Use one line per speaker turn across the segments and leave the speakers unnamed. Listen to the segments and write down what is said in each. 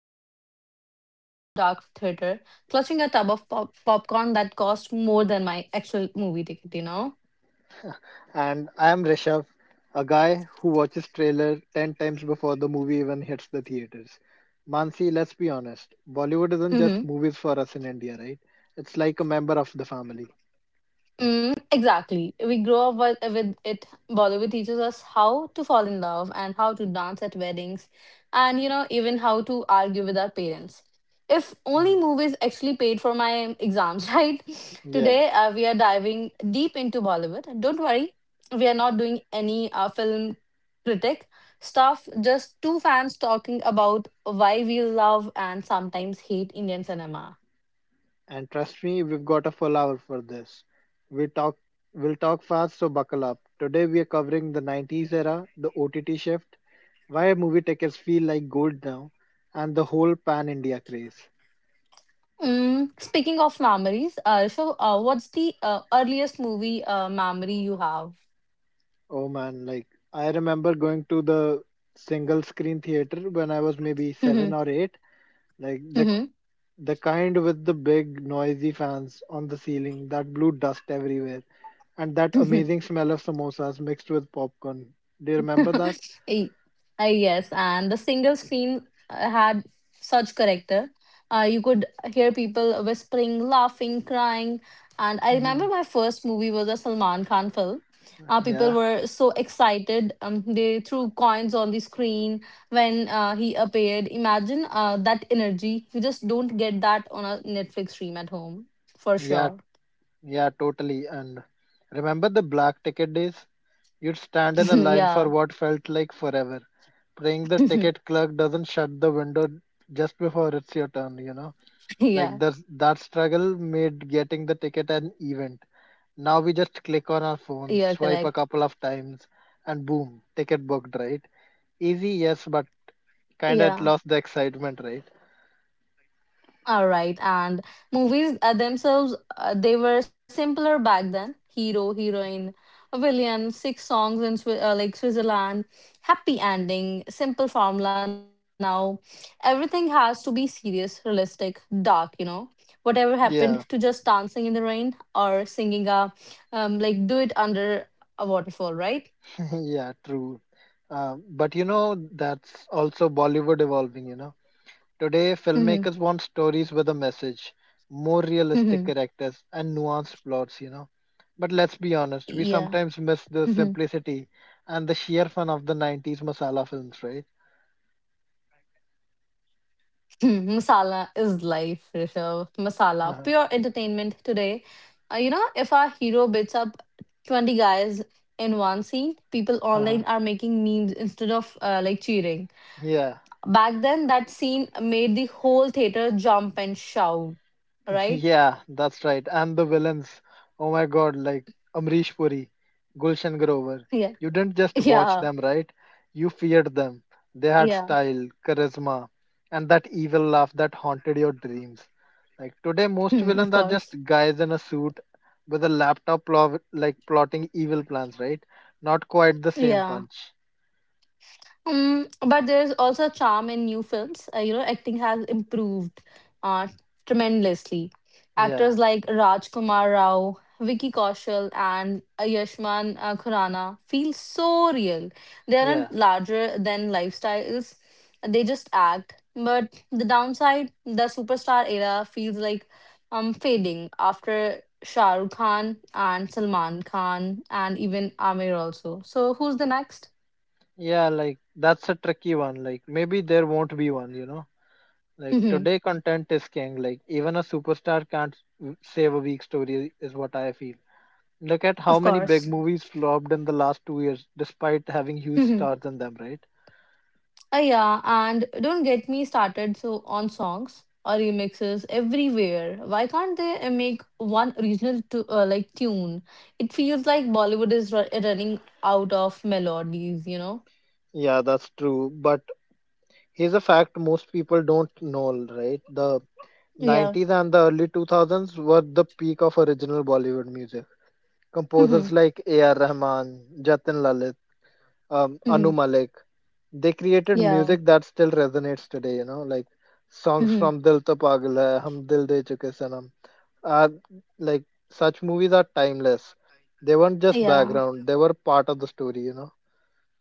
you will probably find me in a dark theater clutching a tub of popcorn that cost more than my actual movie ticket, you know?
And I am Rishabh, a guy who watches trailer 10 times before the movie even hits the theaters. Mansi, let's be honest, Bollywood isn't just movies for us in India, right? It's like a member of the family.
Mm, exactly. We grow up with it. Bollywood teaches us how to fall in love and how to dance at weddings and, you know, even how to argue with our parents. If only
Mm.
movies actually paid for my exams, right?
Yeah,
Today, we are diving deep into Bollywood. Don't worry, we are not doing any film critic stuff, just two fans talking about why we love and sometimes hate Indian cinema.
and trust me, we've got a full hour for this. We talk we'll talk fast, so buckle up. Today we are covering the 90s era, the OTT shift, why movie tickets feel like gold now, and the whole pan India craze.
Mm, speaking of memories, what's the earliest movie memory you have?
Oh man, like I remember going to the single screen theater when I was maybe seven or eight. Like the
Mm-hmm.
the kind with the big noisy fans on the ceiling that blew dust everywhere, and that amazing smell of samosas mixed with popcorn. Do you remember that?
Y- yes, and the single screen had such character. You could hear people whispering, laughing, crying. And I remember
Hmm.
my first movie was a Salman Khan film. People
Yeah,
were so excited. They threw coins on the screen when he appeared. Imagine that energy. You just don't get that on a Netflix stream at home, for
yeah,
sure.
yeah, totally. And remember the black ticket days? You'd stand in a line for
Yeah.
what felt like forever, praying the ticket clerk doesn't shut the window just before it's your turn. Like that
Yeah,
that struggle made getting the ticket an event. Now we just click on
you're
our
correct.
phones, swipe a couple of times, and boom, ticket booked, right? Easy, yes, but kind
Yeah.
of lost the excitement, right?
All right, and movies themselves, they were simpler back then. Hero, heroine, a villain, six songs in Switzerland, happy ending, simple formula. Now, everything has to be serious, realistic, dark. You know, whatever happened to
Yeah,
just dancing in the rain or singing a, like do it under a waterfall, right?
yeah, true. But you know, that's also Bollywood evolving, you know. Today,
Mm-hmm.
filmmakers want stories with a message, more realistic
Mm-hmm.
characters, and nuanced plots, you know. But let's be honest, we
Yeah.
sometimes miss the simplicity and the sheer fun of the 90s masala films, right?
Hmm, Masala is life, Rishabh. Masala, pure entertainment today. You know, if our hero beats up 20 guys in one scene, people online are making memes instead of cheering.
Yeah.
Back then, that scene made the whole theater jump and shout, right?
Yeah, that's right. And the villains. Oh my god, like Amrish Puri, Gulshan Grover.
Yeah.
You didn't just watch them,
Yeah.
right? You feared them. They had
Yeah.
style, charisma, and that evil laugh that haunted your dreams. Like today, most
Hmm, of
villains are
course.
just guys in a suit with a laptop plotting evil plans, right? Not quite the same
Yeah.
punch.
Mm, but there's also charm in new films. You know, acting has improved uh, tremendously. Actors
Yeah,
like Rajkumar Rao, Vicky Kaushal, and Ayushmann Khurrana feel so real. They
yeah,
aren't larger than lifestyles; they just act. But the downside, the superstar era feels like fading after Shah Rukh Khan and Salman Khan and even Amir also. So who's the next?
yeah, like that's a tricky one. Like maybe there won't be one, you know? Like today, content is king. Like even a superstar can't save a weak story, is what I feel. Look at how
Of
many big
course.
movies flopped in the last 2 years, despite having huge
Mhm.
stars in them, right?
Yeah, and don't get me started so on songs or remixes everywhere. Why can't they make one original to tune? It feels like Bollywood is running out of melodies, you know?
Yeah, that's true. But here's a fact most people don't know, right? The
Yeah.
90s and the early 2000s were the peak of original Bollywood music.
Mhm.
Composers like A.R. Rahman, Jatin Lalit, Anu
Mhm.
Malik, they created
Yeah.
music that still resonates today, you know, like songs
Mhm.
from Dil To Pagal Hai, Hum Dil De Chuke Sanam are like such movies are timeless. They weren't just
Yeah.
background, they were part of the story, you know.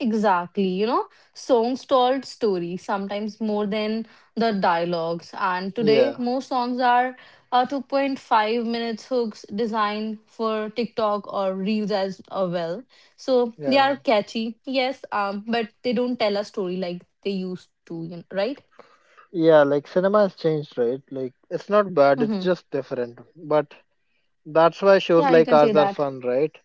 Exactly, you know, songs told stories sometimes more than the dialogues. And today,
yeah
most songs are 2.5 minutes hooks designed for TikTok or Reels as well. So they
yeah
are catchy, yes, but they don't tell a story like they used to, you know, right?
yeah like cinema has changed, right? Like it's not bad, it's
Mm-hmm.
just different. But that's why shows
Yeah, you
like
can say
ours are
that.
fun, right?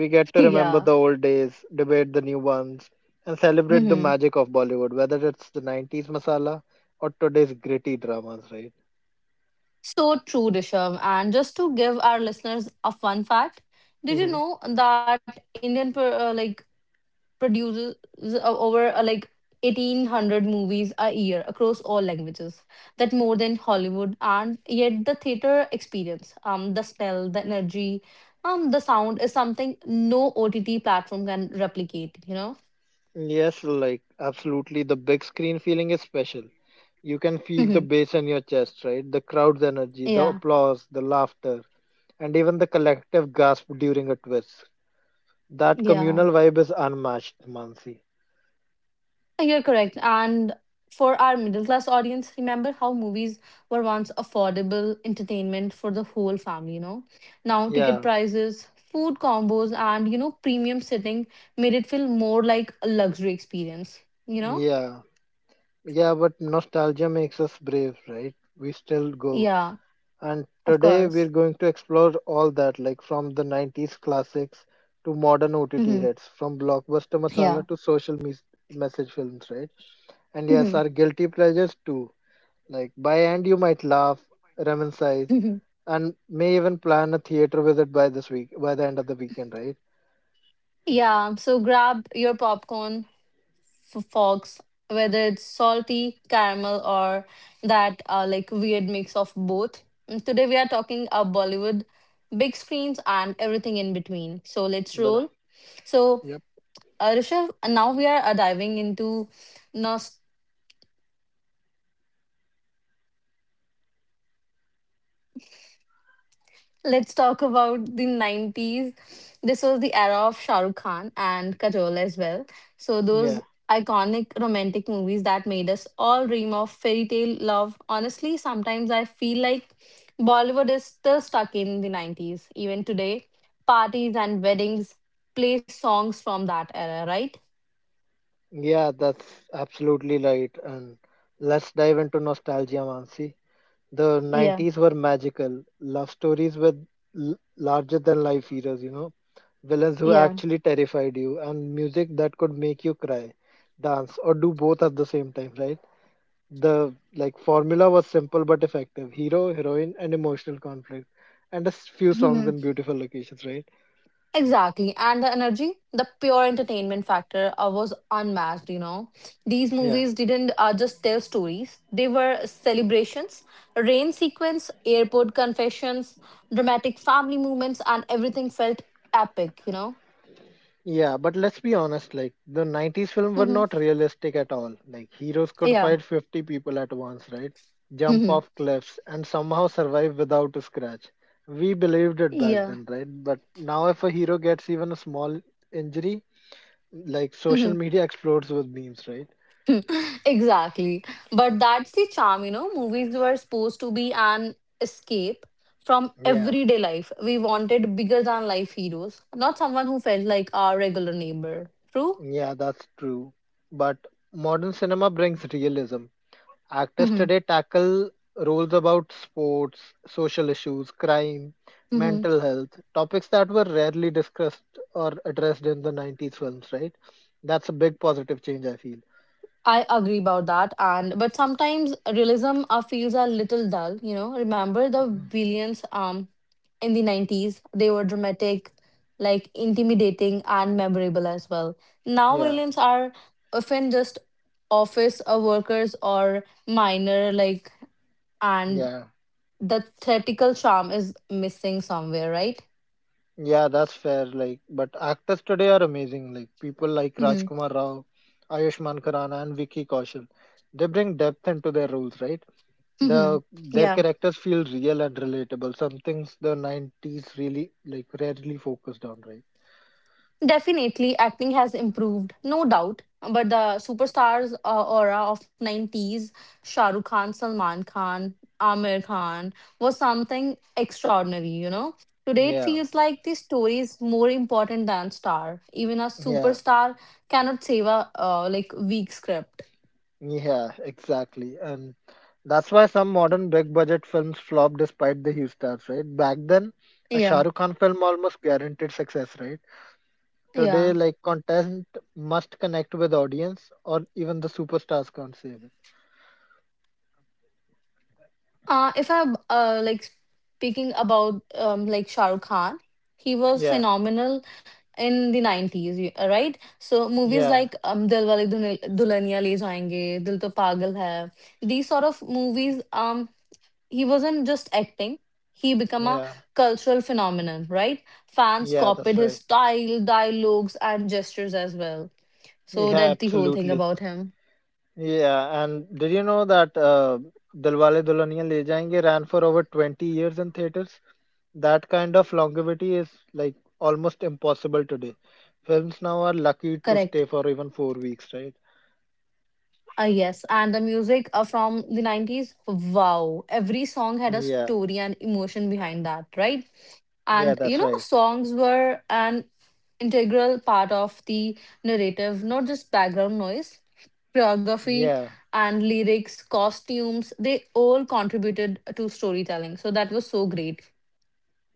We get to remember
Yeah.
the old days, debate the new ones, and celebrate the
Mm-hmm.
magic of Bollywood, whether it's the 90s masala or today's gritty dramas, right?
So true, Rishabh. And just to give our listeners a fun fact, did you
Hmm.
know that Indian per, like produces uh, over 1800 movies a year across all languages, that more than hollywood. And yet the theater experience, the smell, the energy, the sound is something no ott platform can replicate, you know.
Yes, like absolutely. The big screen feeling is special. You can feel the
Mhm.
bass in your chest, right? The crowd's energy, the
Yeah,
applause, the laughter, and even the collective gasp during a twist. That communal
yeah.
vibe is unmatched, Mansi.
You're correct. And for our middle class audience, remember how movies were once affordable entertainment for the whole family, you know? Now, ticket
Yeah,
prices, food combos, and, you know, premium sitting made it feel more like a luxury experience, you know?
yeah. Yeah, but nostalgia makes us brave, right? We still go.
Yeah,
And
of
today
course.
we're going to explore all that, like from the 90s classics to modern OTT
Hmm.
hits, from blockbuster
Yeah.
masala to social message films, right? And yes,
Hmm.
our guilty pleasures too. Like by end, you might laugh, reminisce, and may even plan a theater visit by this week, by the end of the weekend, right?
Yeah, so grab your popcorn, for fox, whether it's salty caramel or that weird mix of both. And today we are talking Bollywood, big screens, and everything in between. So let's
The-
roll. so
Yep.
uh, Rishav, now we are diving into. Let's talk about the 90s. This was the era of Shah Rukh Khan and Kajol as well. So, those
Yeah.
iconic romantic movies that made us all dream of fairy tale love. Honestly, sometimes I feel like Bollywood is still stuck in the 90s. Even today, parties and weddings play songs from that era, right?
Yeah, that's absolutely right. And let's dive into nostalgia, Mansi. The
Yeah,
90s were magical. Love stories with larger than life heroes, you know. Villains who
yeah.
actually terrified you, and music that could make you cry, dance, or do both at the same time, right? The like formula was simple but effective. Hero, heroine, and emotional conflict. And a few songs in beautiful locations, right?
Exactly. And the energy, the pure entertainment factor was unmatched, you know. These
Yeah.
movies didn't just tell stories, they were celebrations, rain sequence, airport confessions, dramatic family moments, and everything felt epic, you know.
Yeah, but let's be honest, like the 90s film were
Hmm.
not realistic at all. Like heroes could
Yeah.
fight 50 people at once, right? Jump
Hmm.
off cliffs and somehow survive without a scratch. We believed it back
Yeah.
then, right? But now if a hero gets even a small injury, like
Hmm.
social media explodes with memes, right?
Exactly. But that's the charm, you know. Movies were supposed to be an escape from
Yeah.
everyday life. We wanted bigger than life heroes, not someone who felt like our regular neighbor. True?
Yeah, that's true. But modern cinema brings realism. Actors
Mm-hmm.
today tackle roles about sports, social issues, crime,
Mm-hmm.
mental health, topics that were rarely discussed or addressed in the 90s films, right? That's a big positive change, I feel.
I agree about that, and but sometimes realism feels a little dull. You know, remember the villains in 90s? They were dramatic, like intimidating and memorable as well. Now
Yeah,
villains are often just office workers or minor, like, and
yeah,
the theatrical charm is missing somewhere, right?
yeah, that's fair. Like, but actors today are amazing. Like, people like
Mm-hmm.
Rajkumar Rao, Ayushmann Khurrana, and Vicky Kaushal, they bring depth into their roles, right?
Mm-hmm.
Their
Yeah,
characters feel real and relatable. Some things the 90s really like rarely focused on, right?
definitely, acting has improved, no doubt. But the superstars aura of 90s, Shah Rukh Khan, Salman Khan, Amir Khan, was something extraordinary, you know. Today, it
Yeah,
feels like the story is more important than star. Even a
yeah,
superstar cannot save a weak script.
yeah, exactly. And that's why some modern big budget films flop despite the huge stars, right? Back then, a
Yeah,
Shah Rukh Khan film almost guaranteed success, right? Today,
yeah.
like content must connect with audience or even the superstars can't save it.
If I'm like speaking about Shah Rukh Khan, he was
Yeah,
phenomenal in the 90s, right? So movies
yeah,
like Dilwale Dulhania Le Jayenge, Dil To Pagal Hai, these sort of movies, he wasn't just acting. He became a
yeah,
cultural phenomenon, right? Fans
yeah,
copied
that's
his
right.
style, dialogues, and gestures as well. So
Yeah,
that's the whole thing
absolutely.
about him.
Yeah, and did you know that Dilwale Dulhaniya Le Jayenge ran for over 20 years in theaters? That kind of longevity is like almost impossible today. Films now are lucky to
Correct.
stay for even 4 weeks, right?
Yes, and the music from the 90s, wow. Every song had a
Yeah,
story and emotion behind that, right?
yeah,
And you
that's
know,
right.
songs were an integral part of the narrative, not just background noise, choreography
Yeah,
and lyrics, costumes, they all contributed to storytelling. So that was so great.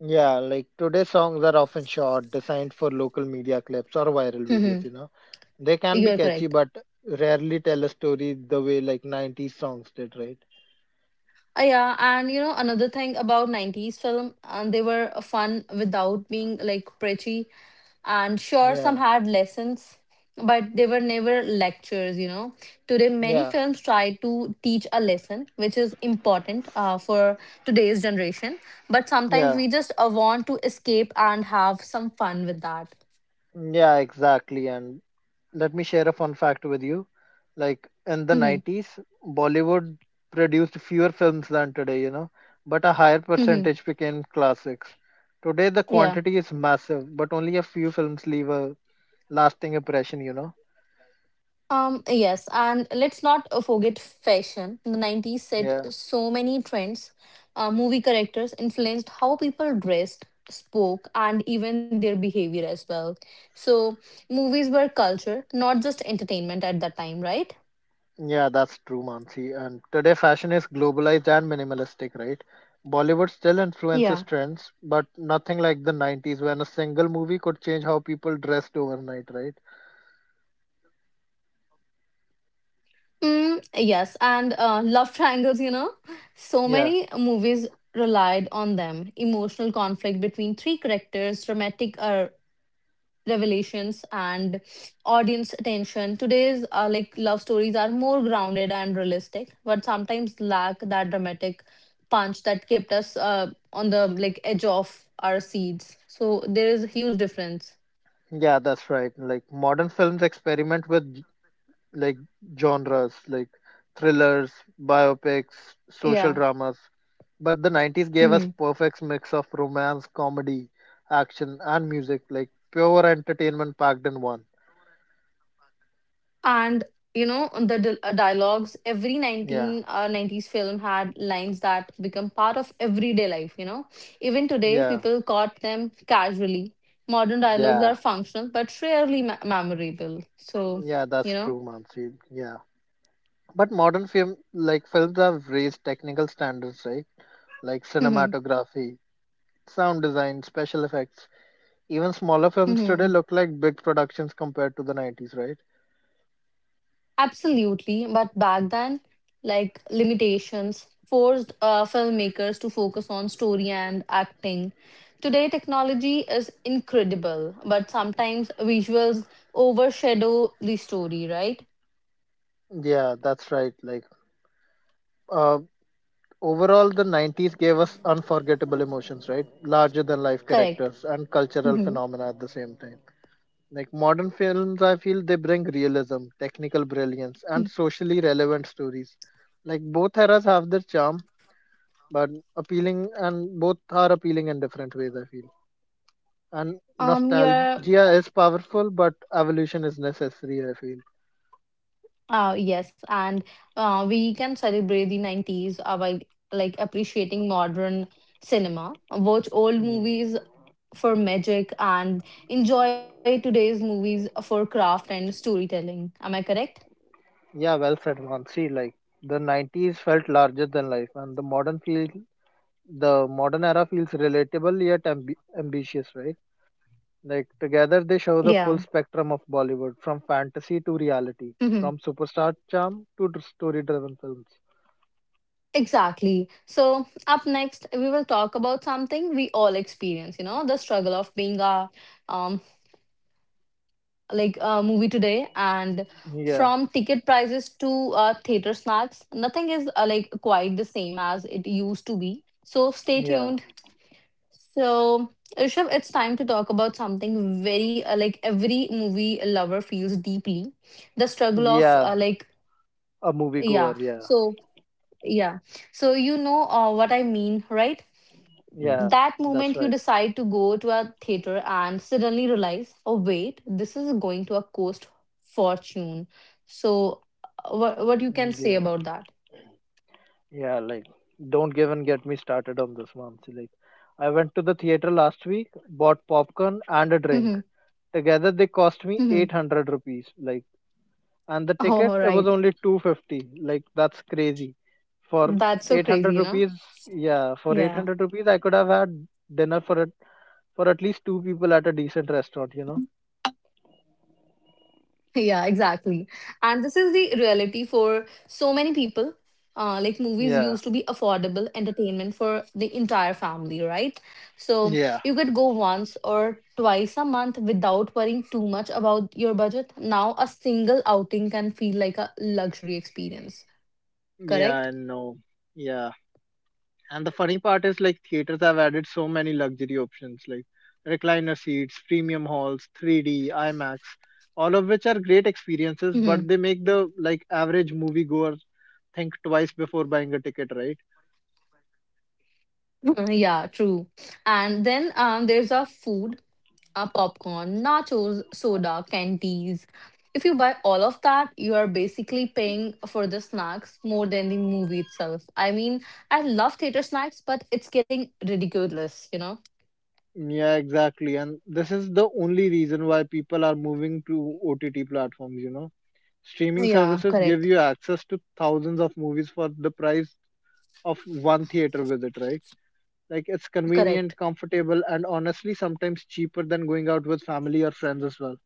yeah, like today's songs are often short, designed for local media clips or viral videos,
Mhm.
you know. They can
You
be
are
catchy,
correct.
but rarely tell a story the way like 90s songs did, right?
Yeah, and you know, another thing about 90s film, and they were fun without being like preachy, and sure some
Yeah,
had lessons, but they were never lectures, you know. Today many
yeah,
films try to teach a lesson, which is important for today's generation, but sometimes
yeah.
we just want to escape and have some fun with that.
Yeah, exactly. And let me share a fun fact with you. Like in the
Hmm.
90s, Bollywood produced fewer films than today, you know, but a higher
Hmm.
percentage became classics. Today, the quantity is massive, but only a few films leave a lasting impression, you know.
Yes, and let's not forget fashion. The 90s set
Yeah,
so many trends. Movie characters influenced how people dressed, spoke, and even their behavior as well. So, movies were culture, not just entertainment at that time, right?
yeah, that's true, Mansi. And today, fashion is globalized and minimalistic, right? Bollywood still influences
Yeah.
trends, but nothing like the 90s when a single movie could change how people dressed overnight, right?
Mm, yes, and love triangles, you know, so
Yeah.
many movies relied on them. Emotional conflict between three characters, dramatic revelations, and audience attention. Today's love stories are more grounded and realistic, but sometimes lack that dramatic punch that kept us on the like edge of our seats. So there is a huge difference.
Yeah, that's right. Like modern films experiment with like genres like thrillers, biopics, social
Yeah.
dramas, but the 90s gave us
Mhm.
perfect mix of romance, comedy, action and music, like pure entertainment packed in one.
And you know the dialogues, every
Yeah.
19 90s film had lines that become part of everyday life, you know. Even today
Yeah.
people quote them casually. Modern dialogues are
Yeah.
functional but rarely memorable, so
Yeah, that's
you
true, Mansi. Yeah. But modern films have raised technical standards, right? Like
know.
cinematography, sound design, special effects. Even smaller films today look like big productions compared to the 90s, right?
Absolutely, but back then, like limitations forced filmmakers to focus on story and acting. Today, technology is incredible, but sometimes visuals overshadow the story, right?
Yeah, that's right. Like, uh, overall, the 90s gave us unforgettable emotions, right? Larger than life
Correct.
characters and cultural
Hmm.
phenomena at the same time. Like, modern films, I feel they bring realism, technical brilliance, and socially relevant stories. Like, both eras have their charm, but appealing, and both are appealing in different ways, I feel. And
Um, you're,
nostalgia is powerful, but evolution is necessary, I feel.
yes, and we can celebrate the 90s by like appreciating modern cinema, watch old movies for magic and enjoy today's movies for craft and storytelling. Am I correct?
Yeah, well said, man. Like the '90s felt larger than life, and the modern era feels relatable yet ambitious, right? Like together they show the full
Yeah.
spectrum of Bollywood, from fantasy to reality,
Hmm.
from superstar charm to story-driven films.
Exactly. So, up next, we will talk about something we all experience, you know, the struggle of being a um like a movie today, and
Yeah,
from ticket prices to theater snacks, nothing is quite the same as it used to be. So, stay
yeah,
tuned. So, Rishabh, it's time to talk about something very every movie lover feels deeply, the struggle of
yeah. A
yeah.
moviegoer, yeah,
So yeah, so you know what I mean, right?
yeah.
That
That's
moment you
right.
decide to go to a theater and suddenly realize, oh wait, this is going to a cost fortune. So, what you can say
Yeah,
about that?
yeah. Like, don't even get me started on this, man. Like, I went to the theater last week, bought popcorn and a drink.
Mm-hmm.
Together they cost me
Mm-hmm.
800 rupees. Like, and the
Oh,
ticket, it was
right.
only 250. Like, that's crazy.
That's so
For
crazy,
800
you know?
rupees, yeah, for
Yeah.
800 rupees, I could have had dinner for at least two people at a decent restaurant, you know?
Yeah, exactly. And this is the reality for so many people. Like movies
Yeah.
used to be affordable entertainment for the entire family, right? So
Yeah.
you could go once or twice a month without worrying too much about your budget. Now a single outing can feel like a luxury experience,
Yeah, I
correct?
know. Yeah. And the funny part is like theaters have added so many luxury options like recliner seats, premium halls, 3D, IMAX, all of which are great experiences, but they
Hmm.
make the like average moviegoer think twice before buying a ticket, right?
Yeah, true. And then there's a food. Uh, popcorn, nachos, soda, candies. If you buy all of that, you are basically paying for the snacks more than the movie itself. I mean, I love theater snacks, but it's getting ridiculous, you know?
Yeah, exactly. And this is the only reason why people are moving to OTT platforms, you know. Streaming
Yeah,
services give
correct.
you access to thousands of movies for the price of one theater visit, right? Like it's convenient,
Correct.
comfortable, and honestly sometimes cheaper than going out with family or friends as well.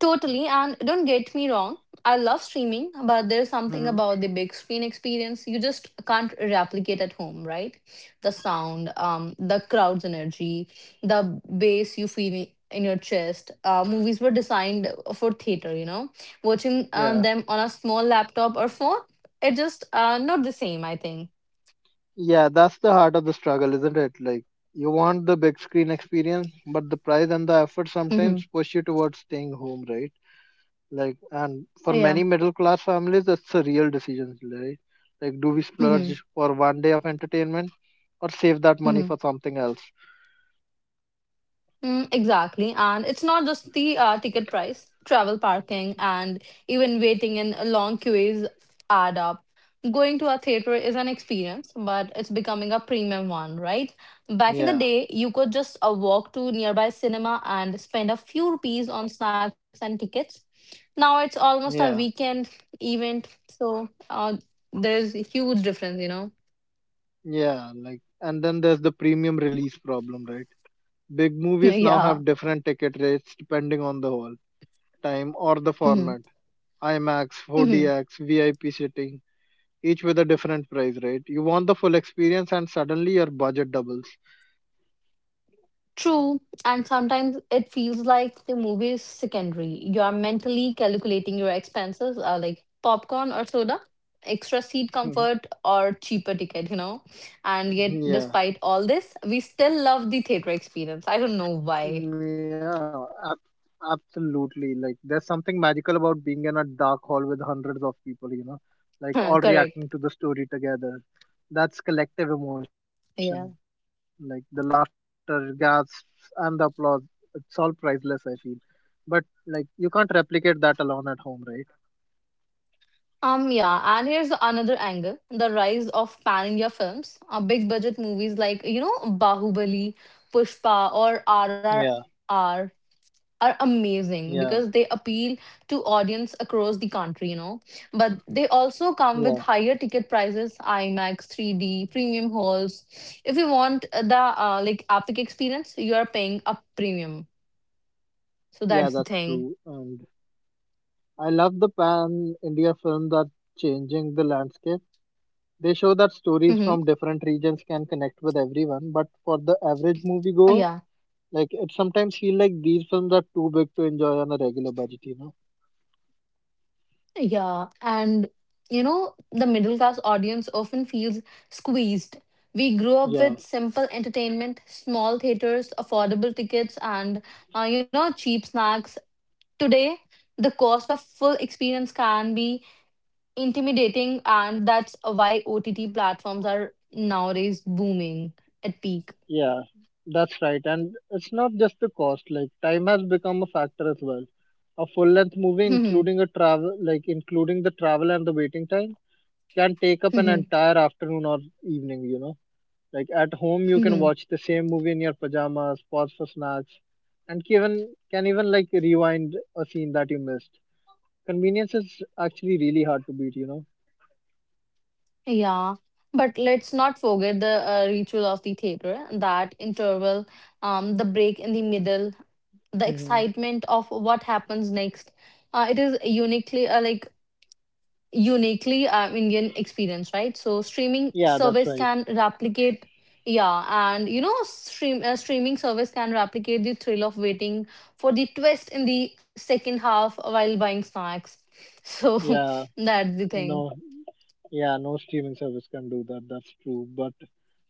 Totally, and don't get me wrong, I love streaming, but there's something
Hmm.
about the big screen experience you just can't replicate at home, right? The sound, the crowd's energy, the bass you feel in your chest. Movies were designed for theater, you know. Watching
Yeah.
them on a small laptop or phone, it just not the same, I think.
Yeah, that's the heart of the struggle, isn't it? Like you want the big screen experience, but the price and the effort
Hmm
sometimes push you towards staying home, right? Like and for
Yeah.
many middle class families that's a real decision, right? Like do we
hmm
splurge for 1 day of entertainment or save that money for
hmm
something else?
Mm, exactly. And it's not just the ticket price, travel parking, and even waiting in long queues add up. Going to a theater is an experience, but it's becoming a premium one, right? Back in the
Yeah,
day, you could just walk to nearby cinema and spend a few rupees on snacks and tickets. Now it's almost a
yeah,
weekend event, so there's a huge difference, you know?
yeah. Like and then there's the premium release problem, right? Big movies now
yeah.
have different ticket rates depending on the hall, time, or the format.
hmm
IMAX,
hmm
4DX, VIP seating, each with a different price rate. You want the full experience, and suddenly your budget doubles.
True, and sometimes it feels like the movie is secondary. You are mentally calculating your expenses, like popcorn or soda, extra seat comfort, or cheaper ticket, you know. And yet,
Yeah.
despite all this, we still love the theater experience. I don't know why.
Yeah, absolutely. Like, there's something magical about being in a dark hall with hundreds of people, like all reacting to the
Correct.
story together. That's collective emotion, like the
Yeah.
laughter, gasps, and the applause. It's all priceless, I feel. But, like, you can't replicate that alone at home, right?
Yeah, and here's another angle, the rise of pan India films, big budget movies like, you know, Bahubali, Pushpa, or
Yeah,
R R R. are
yeah,
amazing because they appeal to audience across the country, you know, but they also
yeah,
come with higher ticket prices, imax 3D premium halls. If you want the like epic experience, you are paying a premium.
yeah,
So
that's
that's the
true.
thing.
And I love the pan India film that's changing the landscape. They show that stories
Mm-hmm.
from different regions can connect with everyone, but for the average moviegoer,
Yeah,
like it sometimes feel like these films are too big to enjoy on a regular budget, you know?
yeah, and you know, the middle class audience often feels squeezed. We grew up
Yeah,
with simple entertainment, small theaters, affordable tickets, and you know, cheap snacks. Today, the cost of full experience can be intimidating, and that's why OTT platforms are nowadays booming at peak.
yeah, that's right. And it's not just the cost, like time has become a factor as well. A full length movie
Mhm.
including a travel like including the travel and the waiting time can take up an
Mhm.
entire afternoon or evening, you know. Like at home, you can
Mhm.
watch the same movie in your pajamas, pause for snacks, and even can even like rewind a scene that you missed. Convenience is actually really hard to beat, you know.
Yeah, but let's not forget the ritual of the theater, that interval, the break in the middle, the
Hmm.
excitement of what happens next. It is uniquely Indian experience, right? So streaming
Yeah, that's
service
right.
can replicate, yeah, and you know, streaming service can replicate the thrill of waiting for the twist in the second half while buying snacks. So
Yeah,
that's the thing.
no, yeah, no streaming service can do that. That's true. But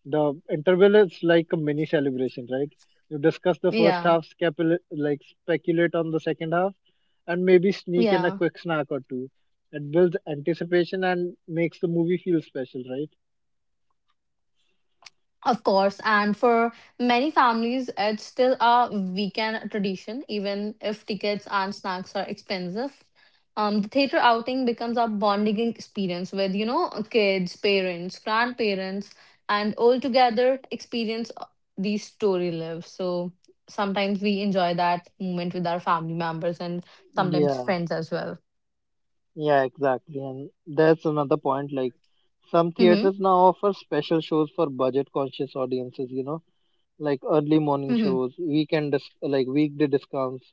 the interval is like a mini celebration, right? You discuss the first
Yeah,
half, speculate on the second half, and maybe sneak in a
yeah.
quick snack or two. It builds anticipation and makes the movie feel special, right?
Of course, and for many families, it's still a weekend tradition, even if tickets and snacks are expensive. The theater outing becomes a bonding experience with, you know, kids, parents, grandparents, and all together experience these story lives. So sometimes we enjoy that moment with our family members and sometimes
Yeah,
friends as well.
yeah, exactly. And that's another point. Like, some
Mm-hmm.
theaters now offer special shows for budget conscious audiences, you know, like early morning
Mm-hmm.
shows, weekend, weekday discounts,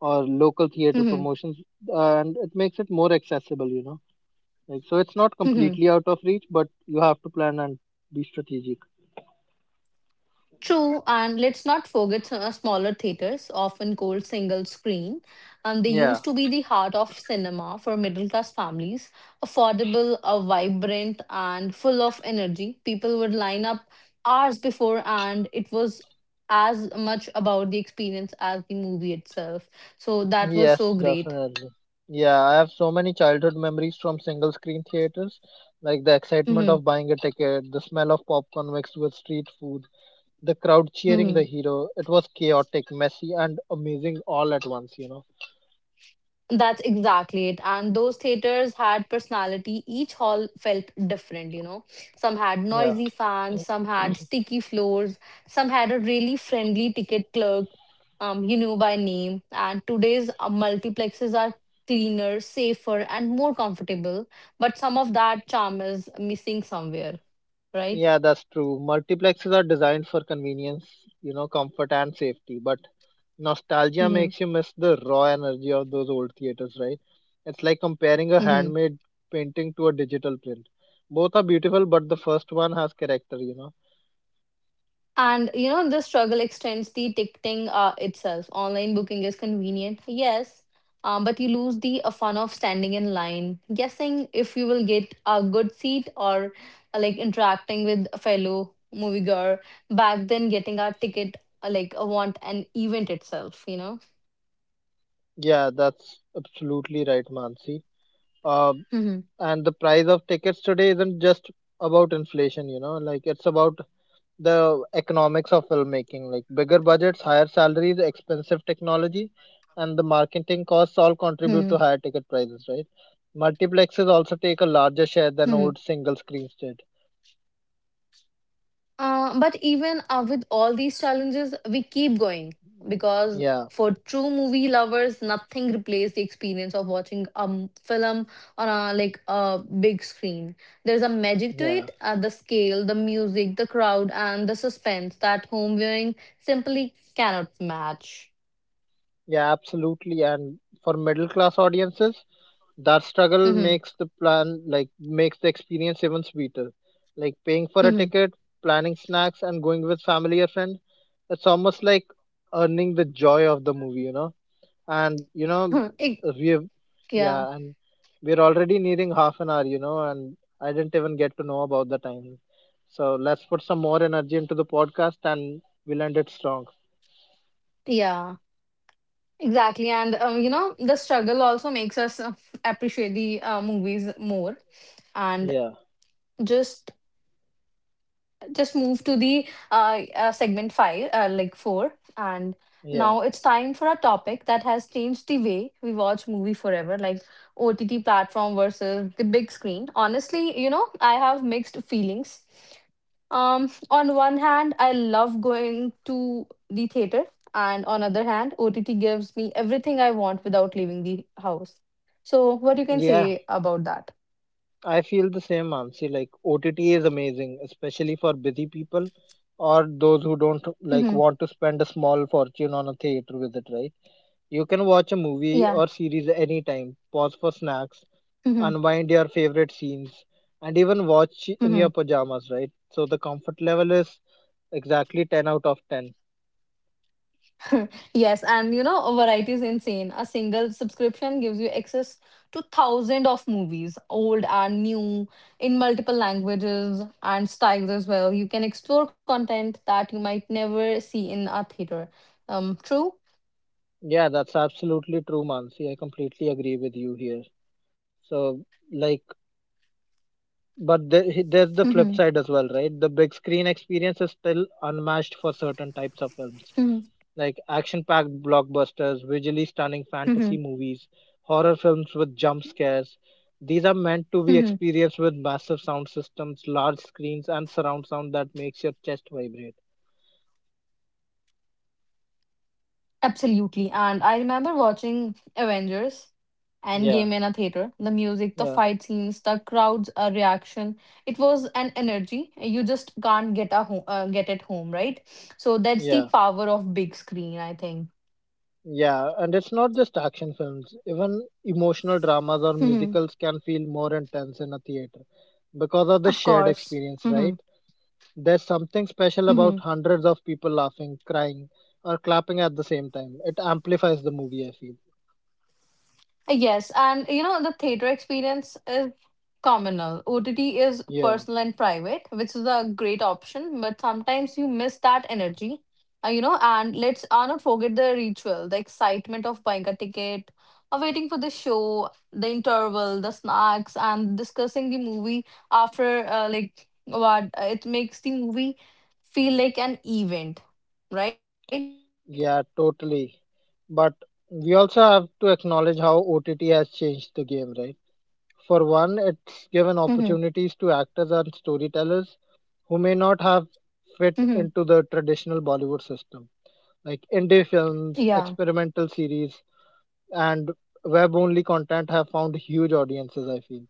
or local theater
Mm-hmm.
promotions. And it makes it more accessible, you know. Like, so it's not
Mm-hmm.
completely out of reach, but you have to plan and be strategic.
True, and let's not forget smaller theaters, often called single screen. And they
Yeah.
used to be the heart of cinema for middle class families. Affordable, vibrant, and full of energy. People would line up hours before, and it was as much about the experience as the movie itself. So that was
Yes,
so great.
definitely. Yeah, I have so many childhood memories from single screen theaters, like the excitement of buying a ticket, the smell of popcorn mixed with street food, the crowd cheering
Hmm
the hero. It was chaotic, messy, and amazing all at once, you know.
That's exactly it. And those theaters had personality. Each hall felt different, you know. Some had
Yeah,
noisy fans, some had sticky floors, some had a really friendly ticket clerk you knew by name. And today's multiplexes are cleaner, safer, and more comfortable. But some of that charm is missing somewhere, right?
yeah, that's true. Multiplexes are designed for convenience, you know, comfort and safety, but nostalgia
Mm-hmm.
makes you miss the raw energy of those old theaters, right? It's like comparing a
Mm-hmm.
handmade painting to a digital print. Both are beautiful, but the first one has character, you know.
And you know, the struggle extends the ticketing itself. Online booking is convenient, yes, but you lose the fun of standing in line, guessing if you will get a good seat or like interacting with a fellow moviegoer. Back then, getting our ticket want an event itself, you know.
Yeah, that's absolutely right, Mansi. Uh,
Hmm
and the price of tickets today isn't just about inflation, like it's about the economics of filmmaking, like bigger budgets, higher salaries, expensive technology, and the marketing costs all contribute to higher ticket prices, right? Multiplexes also take a larger share
hmm
than old single screens did.
But even with all these challenges, we keep going because
Yeah,
for true movie lovers, nothing replaces the experience of watching film on a big screen. There's a magic to
yeah,
it, the scale, the music, the crowd, and the suspense that home viewing simply cannot match.
yeah, absolutely. And for middle class audiences, that struggle
Hmm
makes the plan like makes the experience even sweeter. Like paying for a
hmm
ticket, planning snacks, and going with family or friend. It's almost like earning the joy of the movie, you know. And you know
Ex-
we've yeah
yeah,
and we're already nearing half an hour, you know, and I didn't even get to know about the time, so let's put some more energy into the podcast and we'll end it strong.
yeah. Exactly, and you know, the struggle also makes us appreciate the movies more. And
yeah
just just move to the segment five, like four, and
yeah
now it's time for a topic that has changed the way we watch movie forever, like OTT platform versus the big screen. Honestly, you know, I have mixed feelings. On one hand, I love going to the theater, and on other hand, OTT gives me everything I want without leaving the house. So, what you can
yeah
say about that?
I feel the same, Mansi. Like OTT is amazing, especially for busy people or those who don't like
Hmm
want to spend a small fortune on a theater visit, right? You can watch a movie
Yeah.
or series anytime, pause for snacks,
Mm-hmm.
unwind your favorite scenes, and even watch in
Mm-hmm.
your pajamas, right? So the comfort level is exactly 10 out of 10.
Yes, and you know, variety is insane. A single subscription gives you access to thousands of movies, old and new, in multiple languages and styles as well. You can explore content that you might never see in a theater. True?
Yeah, that's absolutely true, Mansi. I completely agree with you here. So, like, there's
hmm
the flip side as well, right? The big screen experience is still unmatched for certain types of
hmm
films. Like action-packed blockbusters, visually stunning
hmm
fantasy movies, horror films with jump scares. These are meant
hmm
to be experienced with massive sound systems, large screens, and surround sound that makes your chest vibrate.
Absolutely. And I remember watching Avengers Endgame
Yeah,
in a theater. The music, the
yeah,
fight scenes, the crowd's reaction. It was an energy you just can't get at home, right? So that's the
yeah,
power of big screen, I think.
yeah. And it's not just action films. Even emotional dramas or
Mhm.
musicals can feel more intense in a theater because of the
Of
shared
course.
experience, right?
Mhm.
There's something special about
Mhm.
hundreds of people laughing, crying, or clapping at the same time. It amplifies the movie, I feel.
Yes, and you know, the theater experience is communal. OTT is
Yeah,
personal and private, which is a great option, but sometimes you miss that energy. You know, and let's not forget the ritual, the excitement of buying a ticket, of waiting for the show, the interval, the snacks, and discussing the movie after, like, what it makes the movie feel like an event, right?
yeah, totally. But we also have to acknowledge how OTT has changed the game, right? For one, it's
Mm-hmm.
given opportunities to actors and storytellers who may not have fit
Mm-hmm.
into the traditional Bollywood system. Like indie films,
Yeah.
experimental series, and web only content have found huge audiences, I feel,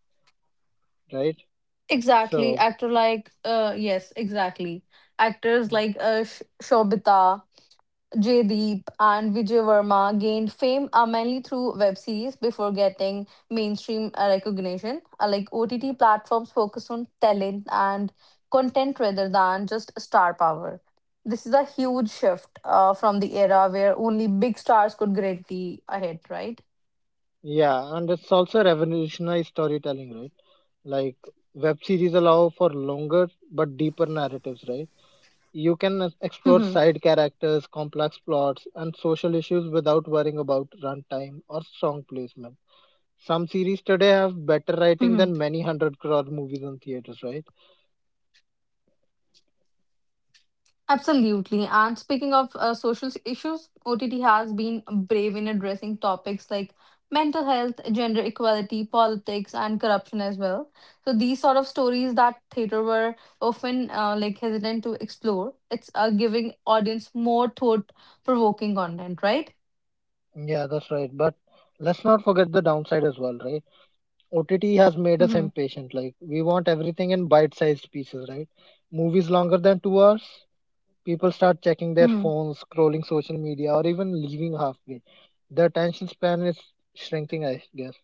right?
Exactly.
So.
Yes, exactly. Actors like Shobita, Jaydeep, and Vijay Verma gained fame mainly through web series before getting mainstream recognition. Like OTT platforms focus on talent and content rather than just star power. This is a huge shift from the era where only big stars could get the ahead, right?
Yeah, and it's also revolutionized storytelling, right? Like web series allow for longer but deeper narratives, right? You can explore side characters, complex plots, and social issues without worrying about runtime or song placement. Some series today have better writing
hmm
than many hundred crore movies in theaters, right?
Absolutely. And speaking of social s- issues, OTT has been brave in addressing topics like mental health, gender equality, politics, and corruption as well. So these sort of stories that theater were often hesitant to explore. It's giving audience more thought-provoking content, right?
Yeah, that's right. But let's not forget the downside as well, right? OTT has made us
Mm-hmm.
impatient. Like we want everything in bite-sized pieces, right? Movies longer than 2 hours, people start checking their
Mm-hmm.
phones, scrolling social media, or even leaving halfway. The attention span is shrinking, I guess.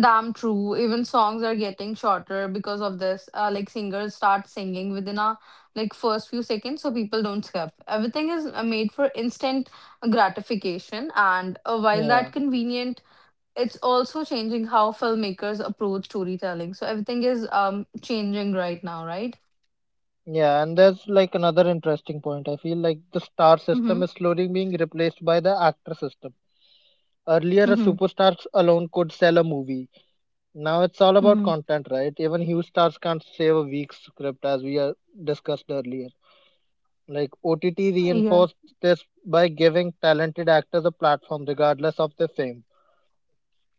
Damn true. Even songs are getting shorter because of this. Like singers start singing within a like first few seconds, so people don't skip. Everything is made for instant gratification, and while
Yeah.
that convenient, it's also changing how filmmakers approach storytelling. So everything is changing right now, right?
Yeah, and there's like another interesting point. I feel like the star
Mm-hmm.
system is slowly being replaced by the actor system. Earlier, a
Mm-hmm.
superstar alone could sell a movie. Now it's all about
Mm-hmm.
content, right? Even huge stars can't save a weak script, as we discussed earlier. Like OTT
Yeah.
reinforced this by giving talented actors a platform regardless of their fame.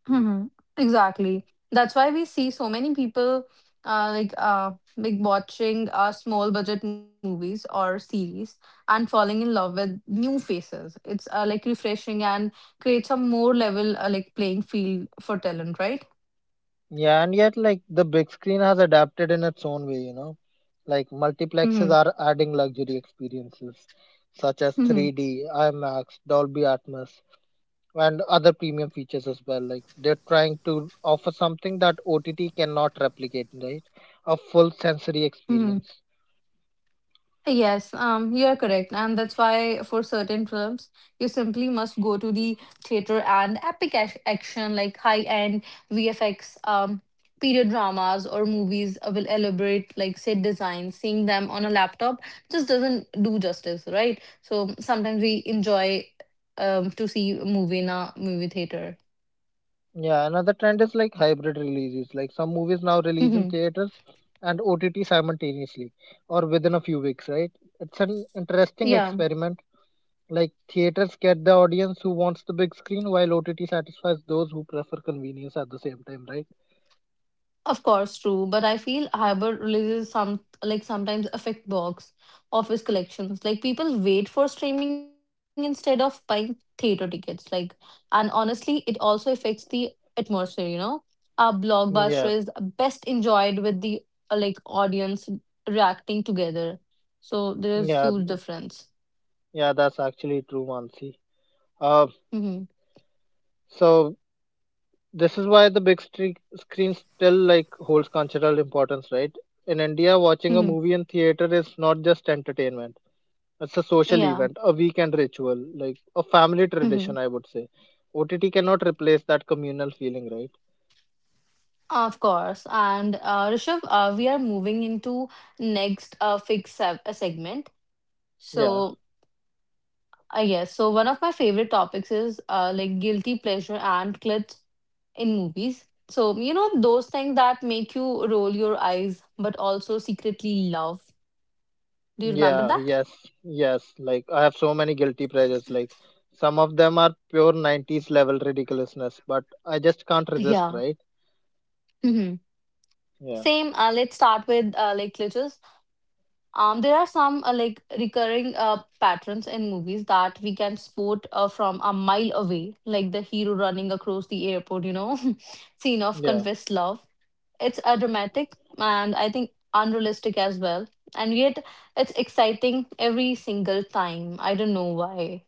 Mhm. Exactly. That's why we see so many people watching small budget movies or series and falling in love with new faces. It's like refreshing and creates a more level like playing field for talent, right?
Yeah, and yet like the big screen has adapted in its own way, you know. Like multiplexes
Mm-hmm.
are adding luxury experiences such as
Mm-hmm.
3D, IMAX, Dolby Atmos, and other premium features as well. Like they're trying to offer something that OTT cannot replicate, right? A full sensory
Mm-hmm.
experience.
Yes, you are correct, and that's why for certain films you simply must go to the theater and epic action like high-end VFX, period dramas or movies will elaborate like set design. Seeing them on a laptop just doesn't do justice, right? So sometimes we enjoy to see a movie in a movie theater.
Yeah, another trend is like hybrid releases. Like some movies now release in theaters and OTT simultaneously or within a few weeks, right? It's an interesting
yeah.
experiment. Like theaters get the audience who wants the big screen, while OTT satisfies those who prefer convenience at the same time, right?
Of course, true, but I feel hybrid releases sometimes affect box office collections. Like people wait for streaming instead of buying theater tickets. Like, and honestly, it also affects the atmosphere. You know, our blockbuster is
Yeah,
best enjoyed with the like audience reacting together. So there is huge
yeah,
difference.
yeah. That's actually true, Mansi. Uh,
Hmm
so this is why the big screen still like holds cultural importance, right? In India, watching a
hmm
movie in theater is not just entertainment; it's a social
Yeah.
event, a weekend ritual, like a family
hmm
tradition. I would say, OTT cannot replace that communal feeling, right?
Of course, and Rishabh, we are moving into next fixed segment.
Yeah.
So, yes. So, one of my favorite topics is like guilty pleasure and clips in movies. So, you know, those things that make you roll your eyes but also secretly love. Do you remember
Yeah,
that?
yes, yes. Like I have so many guilty pleasures. Like some of them are pure 90s level ridiculousness, but I just can't resist,
Yeah.
right?
hmm
Yeah,
Same. Let's start with like glitches. There are some like recurring patterns in movies that we can spot from a mile away, like the hero running across the airport, you know, scene of
yeah,
confessed love. It's a dramatic and I think unrealistic as well. And yet it's exciting every single time. I don't know why.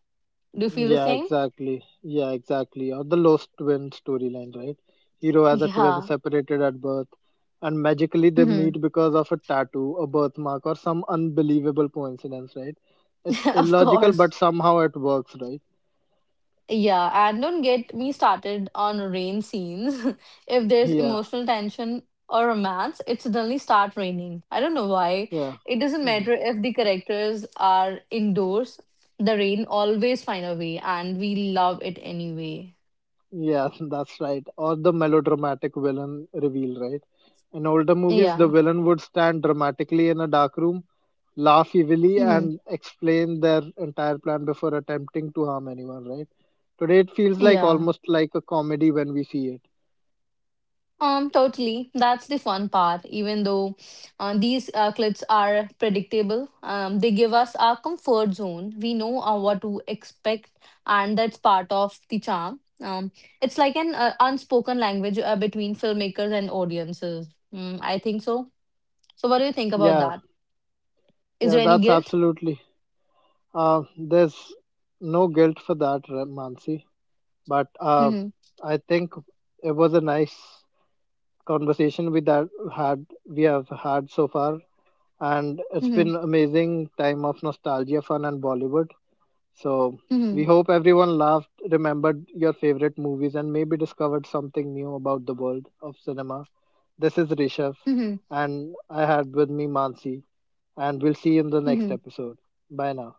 Do you feel the
yeah,
same?
exactly. Yeah, exactly. Or the Lost Twin storyline, right? Hero has a twin
Yeah.
separated at birth, and magically they
hmm
meet because of a tattoo, a birthmark, or some unbelievable coincidence, right? It's
Of
illogical,
course.
but somehow it works, right?
Yeah, and don't get me started on rain scenes. If there's
Yeah,
emotional tension or romance, it suddenly start raining. I don't know why.
yeah.
It doesn't
Hmm.
matter if the characters are indoors. The rain always find a way, and we love it anyway.
Yeah, that's right. Or the melodramatic villain reveal, right? In older movies, the
Yeah.
villain would stand dramatically in a dark room, laugh evilly,
hmm
and explain their entire plan before attempting to harm anyone, right? Today, it feels like
Yeah.
almost like a comedy when we see it.
Totally. That's the fun part. Even though these clips are predictable, they give us our comfort zone. We know what to expect, and that's part of the charm. It's like an unspoken language between filmmakers and audiences. Mm, I think so. So, what do you think about
Yeah,
that? Is
yeah,
there any
that's
guilt?
absolutely. There's no guilt for that, Mansi. But
Mm-hmm.
I think it was a nice conversation we have had so far, and it's
Mm-hmm.
been amazing time of nostalgia, fun, and Bollywood. So
Mm-hmm.
we hope everyone laughed, remembered your favorite movies, and maybe discovered something new about the world of cinema. This is Rishabh,
Mm-hmm.
and I had with me Mansi, and we'll see you in the next
Mm-hmm.
episode. Bye now.